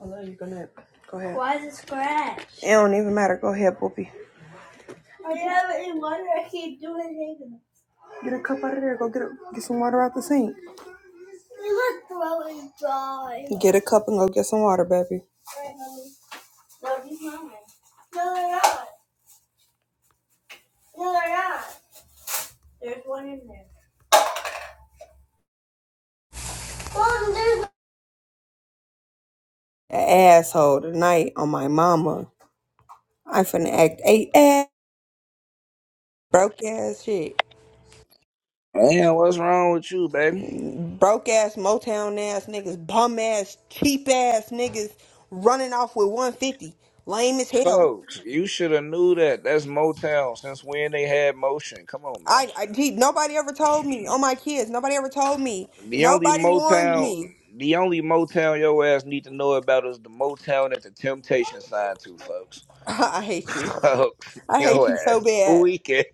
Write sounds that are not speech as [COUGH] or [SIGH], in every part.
Although you're gonna go ahead. Why is it scratch? It don't even matter. Go ahead, Poopy. I don't have any water. I can't do anything. Get a cup out of there. Go get a, get some water out the sink. My throat is dry. Get a cup and go get some water, baby. All right, mommy. No, these mine. No, they're not. No, they're not. There's one in there. Mom, there's A asshole tonight on my mama. I finna act a ass broke ass shit. Man, what's wrong with you, baby? broke ass Motown ass niggas, bum ass, cheap ass niggas running off with 150. Lame as hell. Folks, you should have knew that. That's Motown. Since when they had motion? Come on, man. I, I gee, nobody ever told me. Oh my kids, nobody ever told me. The only Nobody warned Motown, me. the only Motown your ass need to know about is the Motown that the Temptation signed to, folks. [LAUGHS] I [LAUGHS] hate you. Folks, I hate your you so ass bad. tweaking.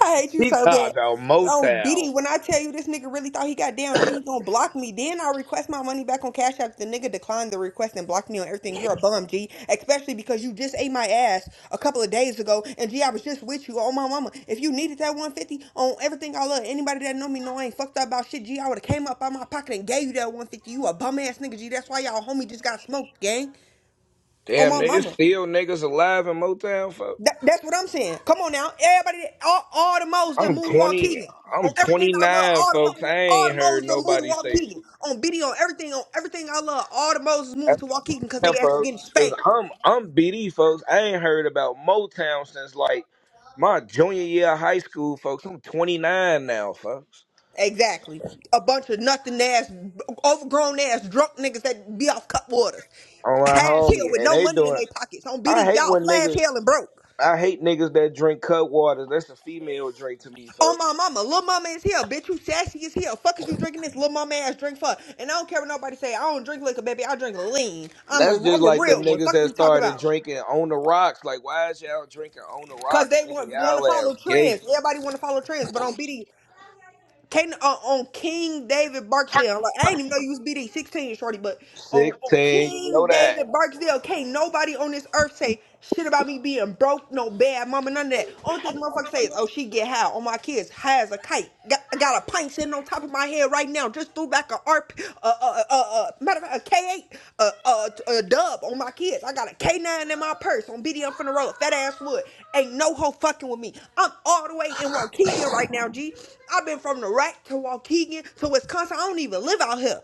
I hate you She so talking bad. about Um, Motown. BD, when I tell you this nigga really thought he got down, then he gonna block me. Then I request my money back on Cash App. The nigga declined the request and blocked me on everything. You're a bum, G. Especially because you just ate my ass a couple of days ago. And G, I was just with you on my mama. If you needed that 150 on everything I love, anybody that know me know I ain't fucked up about shit, G. I would have came up out my pocket and gave you that 150. You a bum ass nigga, G. That's why y'all homie just got smoked, gang. On Damn, my there's mama. still niggas alive in Motown, folks. That, that's what I'm saying. Come on now, everybody, all, all the Mos done I'm moved to Walt 20. Keegan I'm on everything I love. 29, All the folks. I Mo- all ain't the heard Mos done moved to nobody Walt say. Keegan on BD on everything on everything I love. All the Mos is moving shit. to Walt Keegan because Yeah, they actually getting folks, i spanked. I'm I'm BD, folks. I ain't heard about Motown since like my junior year of high school, folks. I'm 29 now, folks. Exactly, a bunch of nothing ass, overgrown ass, drunk niggas that be off cut waters, On my hash hell homie, with and no they money in doing. their pockets on I BD. hate Y'all when flash niggas. hell and broke. I hate niggas that drink cut waters. That's a female drink to me, Oh folks. my mama, little mama is here, bitch. You sassy as hell. Fuck is you drinking this little mama ass drink for? And I don't care what nobody say. I don't drink liquor, baby. I drink lean. I'm a That's just I'm a like them real one. niggas Fuck is that you talk started about? drinking on the rocks. Like, why is y'all drinking on the Cause rocks? they Nigga, want want to y'all follow ass gay. trends. Everybody want to follow trends, but on BD. King, uh, on King David Barksdale. Like I didn't even know you was BD sixteen, shorty. But on, on 16, you know King that. David Barksdale, can't nobody on this earth say shit about me being broke, no bad mama, none of that. Only thing motherfuckers say is, oh, she get high on my kids, high as a kite. Got, I got a pint sitting on top of my head right now just threw back a R P, uh, uh, uh, uh, matter of fact, a K8, uh, uh, t- a dub on my kids. I got a K9 in my purse on BD. I'm finna roll a fat ass wood. Ain't no hoe fucking with me. I'm all the way in Waukegan right now, G. I've been from the rack to Waukegan to Wisconsin. I don't even live out here.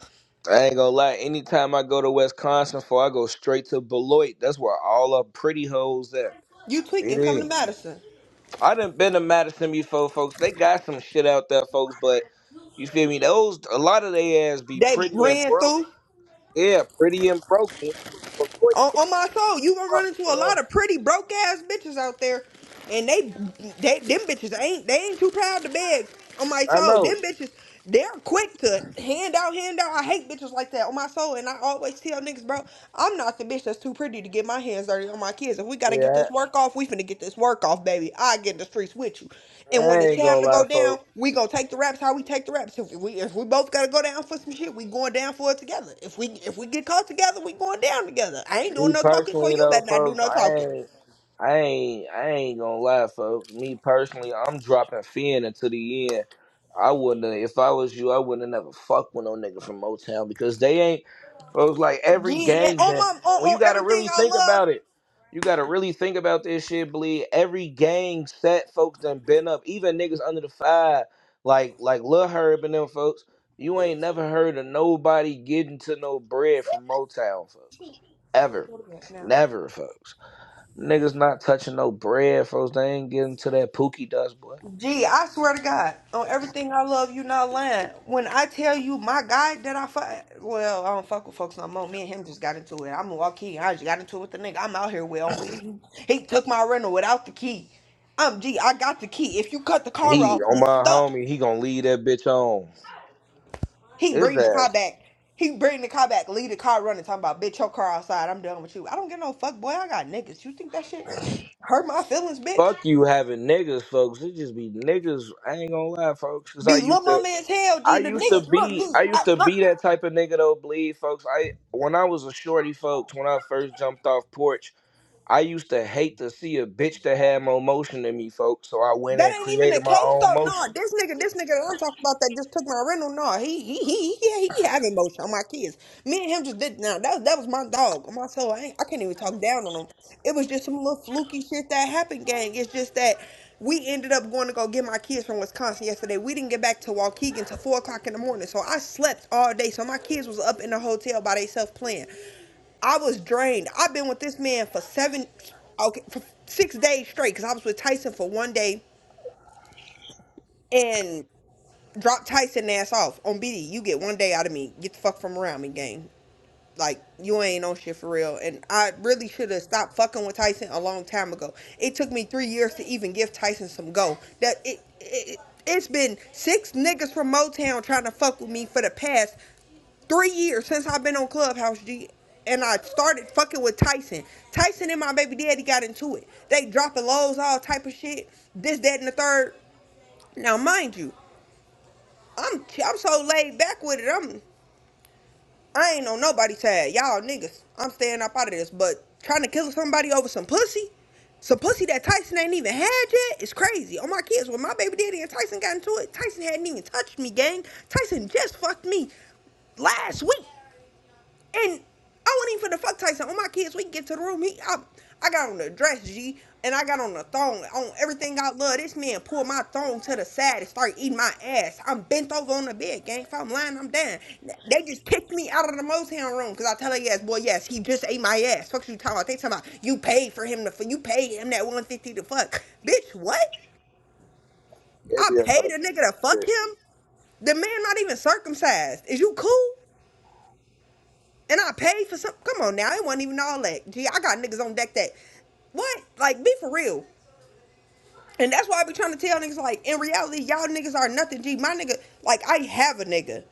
I ain't gonna lie. Anytime I go to Wisconsin, for I go straight to Beloit. That's where all the pretty hoes at. You It tweaking, come to is. Madison. I done been to Madison before, folks. They got some shit out there, folks. But you feel me? Those a lot of they ass be They pretty and ran broke. through. Yeah, pretty and broke. When you go to Beloit, On, fuck on my soul, you gonna my run into a son. lot of pretty broke ass bitches out there, and they, they them bitches ain't they ain't too proud to beg. On my I soul, them know. bitches they're quick to hand out, hand out. I hate bitches like that. On my soul, and I always tell niggas, bro, I'm not the bitch that's too pretty to get my hand dirty on my kids. If we gotta get this Yeah, work off, we finna get this work off, baby. I get in the streets with you. I And when I it's ain't gonna time to lie, go down, folks. we gonna take the raps how we take the raps. If we if we both gotta go down for some shit, we going down for it together. If we if we get caught together, we going down together. I ain't doing Me no talking, so personally, you though, better not do folks, no I talking. ain't. I ain't I ain't gonna lie, folks. Me personally, I'm dropping Finn until the end. I wouldn't have, if I was you, I wouldn't have never fucked with no nigga from Motown because they ain't folks like every Yeah, and gang on that- my on, when you on gotta everything really I think about love. it. You gotta really think about this shit, bleed. Every gang set folks done been up, even niggas under the five, like like Lil Herb and them folks. You ain't never heard of nobody getting to no bread from Motown, folks. Ever. Go to bed now. Never, folks. Niggas not touching no bread, folks. They ain't getting to that pookie dust, boy. Gee, I swear to God, on everything I love, you not lying. When I tell you my guy that I fuck, well, I don't fuck with folks no more. Me and him just got into it. I'm a key. I just got into it with the nigga. I'm out here with on BD. He took my rental without the key. I'm G. I got the key. If you cut the car He off, on my it's stuck. homie, he gonna leave that bitch on. He It's bring the car that back. He bring the car back. Leave the car running. Talking about bitch, your car outside. I'm done with you. I don't get no fuck, boy. I got niggas. You think that shit hurt my feelings, bitch? fuck you having niggas, folks. It just be niggas. I ain't gonna lie, folks. Cause I Be little used to, mama as hell, G. I The used to nigga, look, be, G. I I, used to look. be that type of nigga though. Bleed, folks. I when I was a shorty, folks. When I first jumped off porch, I used to hate to see a bitch that had more motion than me, folks. So I went That and ain't even the created my case own though. No, motion. this nigga, this nigga that I'm talking about that just took my rental. No, he he he yeah, he, he having motion on my kids. Me and him just did now. That that was my dog. On My soul. I, ain't, I can't even talk down on him. It was just some little fluky shit that happened, gang. It's just that we ended up going to go get my kids from Wisconsin yesterday. We didn't get back to Waukegan till four o'clock in the morning. So I slept all day. So my kids was up in the hotel by themselves playing. I was drained. I've been with this man for seven, okay, for six days straight because I was with Tyson for one day and drop Tyson ass off on BD. You get one day out of me. Get the fuck from around me, gang. Like you ain't on shit for real. And I really should have stopped fucking with Tyson a long time ago. It took me three years to even give Tyson some go. That it, it it's been six niggas from Motown trying to fuck with me for the past three years since I've been on Clubhouse G and I started fucking with Tyson. Tyson and my baby daddy got into it. They dropping lows, all type of shit. This, that, and the third. Now mind you, I'm I'm so laid back with it. I'm I ain't on nobody's side. Y'all niggas. I'm staying up out of this. But trying to kill somebody over some pussy, some pussy that Tyson ain't even had yet, is crazy. Oh my kids, when my baby daddy and Tyson got into it, Tyson hadn't even touched me, gang. Tyson just fucked me last week. And I wasn't even finna fuck Tyson. All my kids, we can get to the room. He, I, I got on the dress, G, and I got on the thong, on everything I love. This man pulled my thong to the side and started eating my ass. I'm bent over on the bed, gang. If I'm lying, I'm down. They just kicked me out of the Motown room because I tell her, yes, boy, yes, he just ate my ass. Fuck you talking about? They talking about you paid for him to, you paid him that 150 to fuck. Bitch, what? It'd I be a lot paid of a nigga to fuck shit. him? The man not even circumcised. Is you cool? And I paid for some. Come on now, it wasn't even all that. Gee, I got niggas on deck that. What? Like, be for real. And that's why I be trying to tell niggas, like, in reality, y'all niggas are nothing. Gee, my nigga, like, I have a nigga.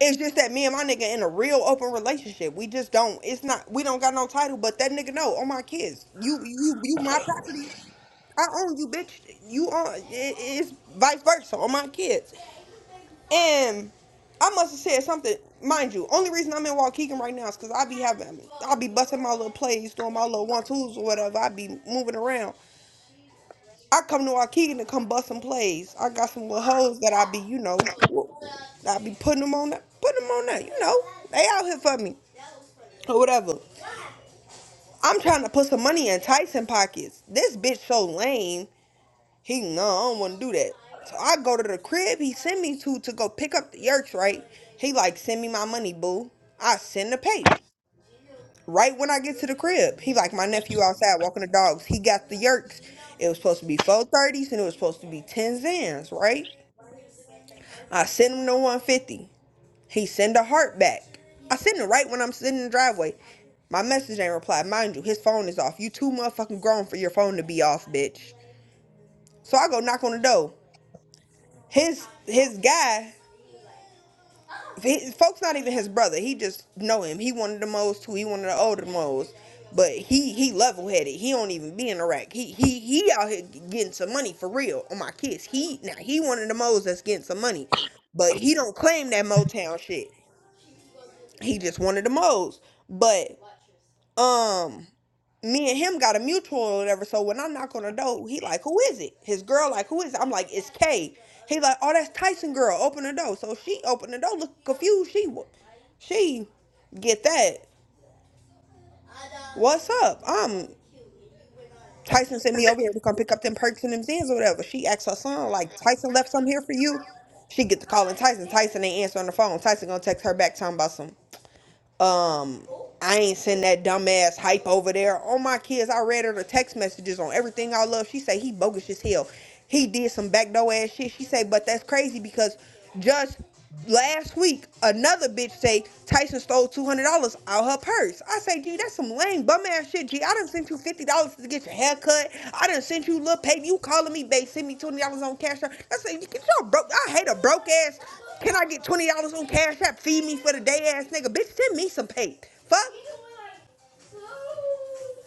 It's just that me and my nigga in a real open relationship. We just don't. It's not. We don't got no title. But that nigga know. On my kids, you, you, you, my property. I own you, bitch. You own. It, it's vice versa on my kids. And I must have said something. Mind you, only reason I'm in Waukegan right now is because I be having, I be busting my little plays, doing my little one twos or whatever. I be moving around. I come to Waukegan to come bust some plays. I got some little hoes that I be, you know, I be putting them on that, putting them on that, you know, they out here for me or whatever. I'm trying to put some money in Tyson pockets. This bitch so lame. He no, I don't want to do that. So I go to the crib. He send me to to go pick up the yerks, right? He like send me my money, boo. I send the pay. Right when I get to the crib, he like my nephew outside walking the dogs. He got the yerks. It was supposed to be four thirties and it was supposed to be ten zans, right? I send him the one fifty. He send a heart back. I send it right when I'm sitting in the driveway. My message ain't replied. Mind you, his phone is off. You too motherfucking grown for your phone to be off, bitch. So I go knock on the door. His his guy His, folks not even his brother. He just know him. He one of the most too. He one of the older most. But he he level headed. He don't even be in Iraq. He he he out here getting some money for real on my kids. He now he one of the moles that's getting some money. But he don't claim that Motown shit. He just one of the moles. But um me and him got a mutual or whatever. So when I knock on the door, he like, who is it? His girl like, who is it? I'm like, it's Kay. He like, oh, that's Tyson girl. Open the door. So she opened the door. Look confused. She, she, get that. What's up? Um, Tyson sent me over here to come pick up them perks and them zins or whatever. She asked her son like, Tyson left some here for you. She get to calling Tyson. Tyson ain't answering the phone. Tyson gonna text her back talking about some. Um, I ain't send that dumbass hype over there. All my kids, I read her the text messages on everything I love. She say he bogus as hell. He did some backdoor ass shit. She say, but that's crazy because just last week another bitch say Tyson stole two hundred dollars out her purse. I say, G, that's some lame bum ass shit. G, I done sent you fifty dollars to get your hair cut. I done sent you little pay. You calling me, babe? Send me twenty dollars on cash. App." I say, get your broke. I hate a broke ass. Can I get twenty dollars on Cash App? Feed me for the day, ass nigga. Bitch, send me some pay. Fuck.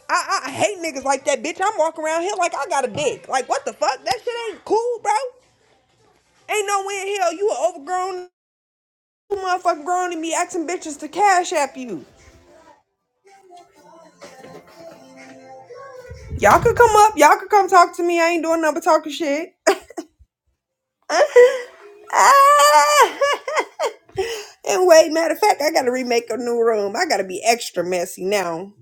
I, I I hate niggas like that, bitch. I'm walking around here like I got a dick. Like what the fuck? That shit ain't cool, bro. Ain't no way in hell you a overgrown motherfucking grown and be asking bitches to Cash App you. Y'all could come up. Y'all could come talk to me. I ain't doing nothing but talking shit. [LAUGHS] Ah. [LAUGHS] and wait, matter of fact, I gotta remake a new room. I gotta be extra messy now.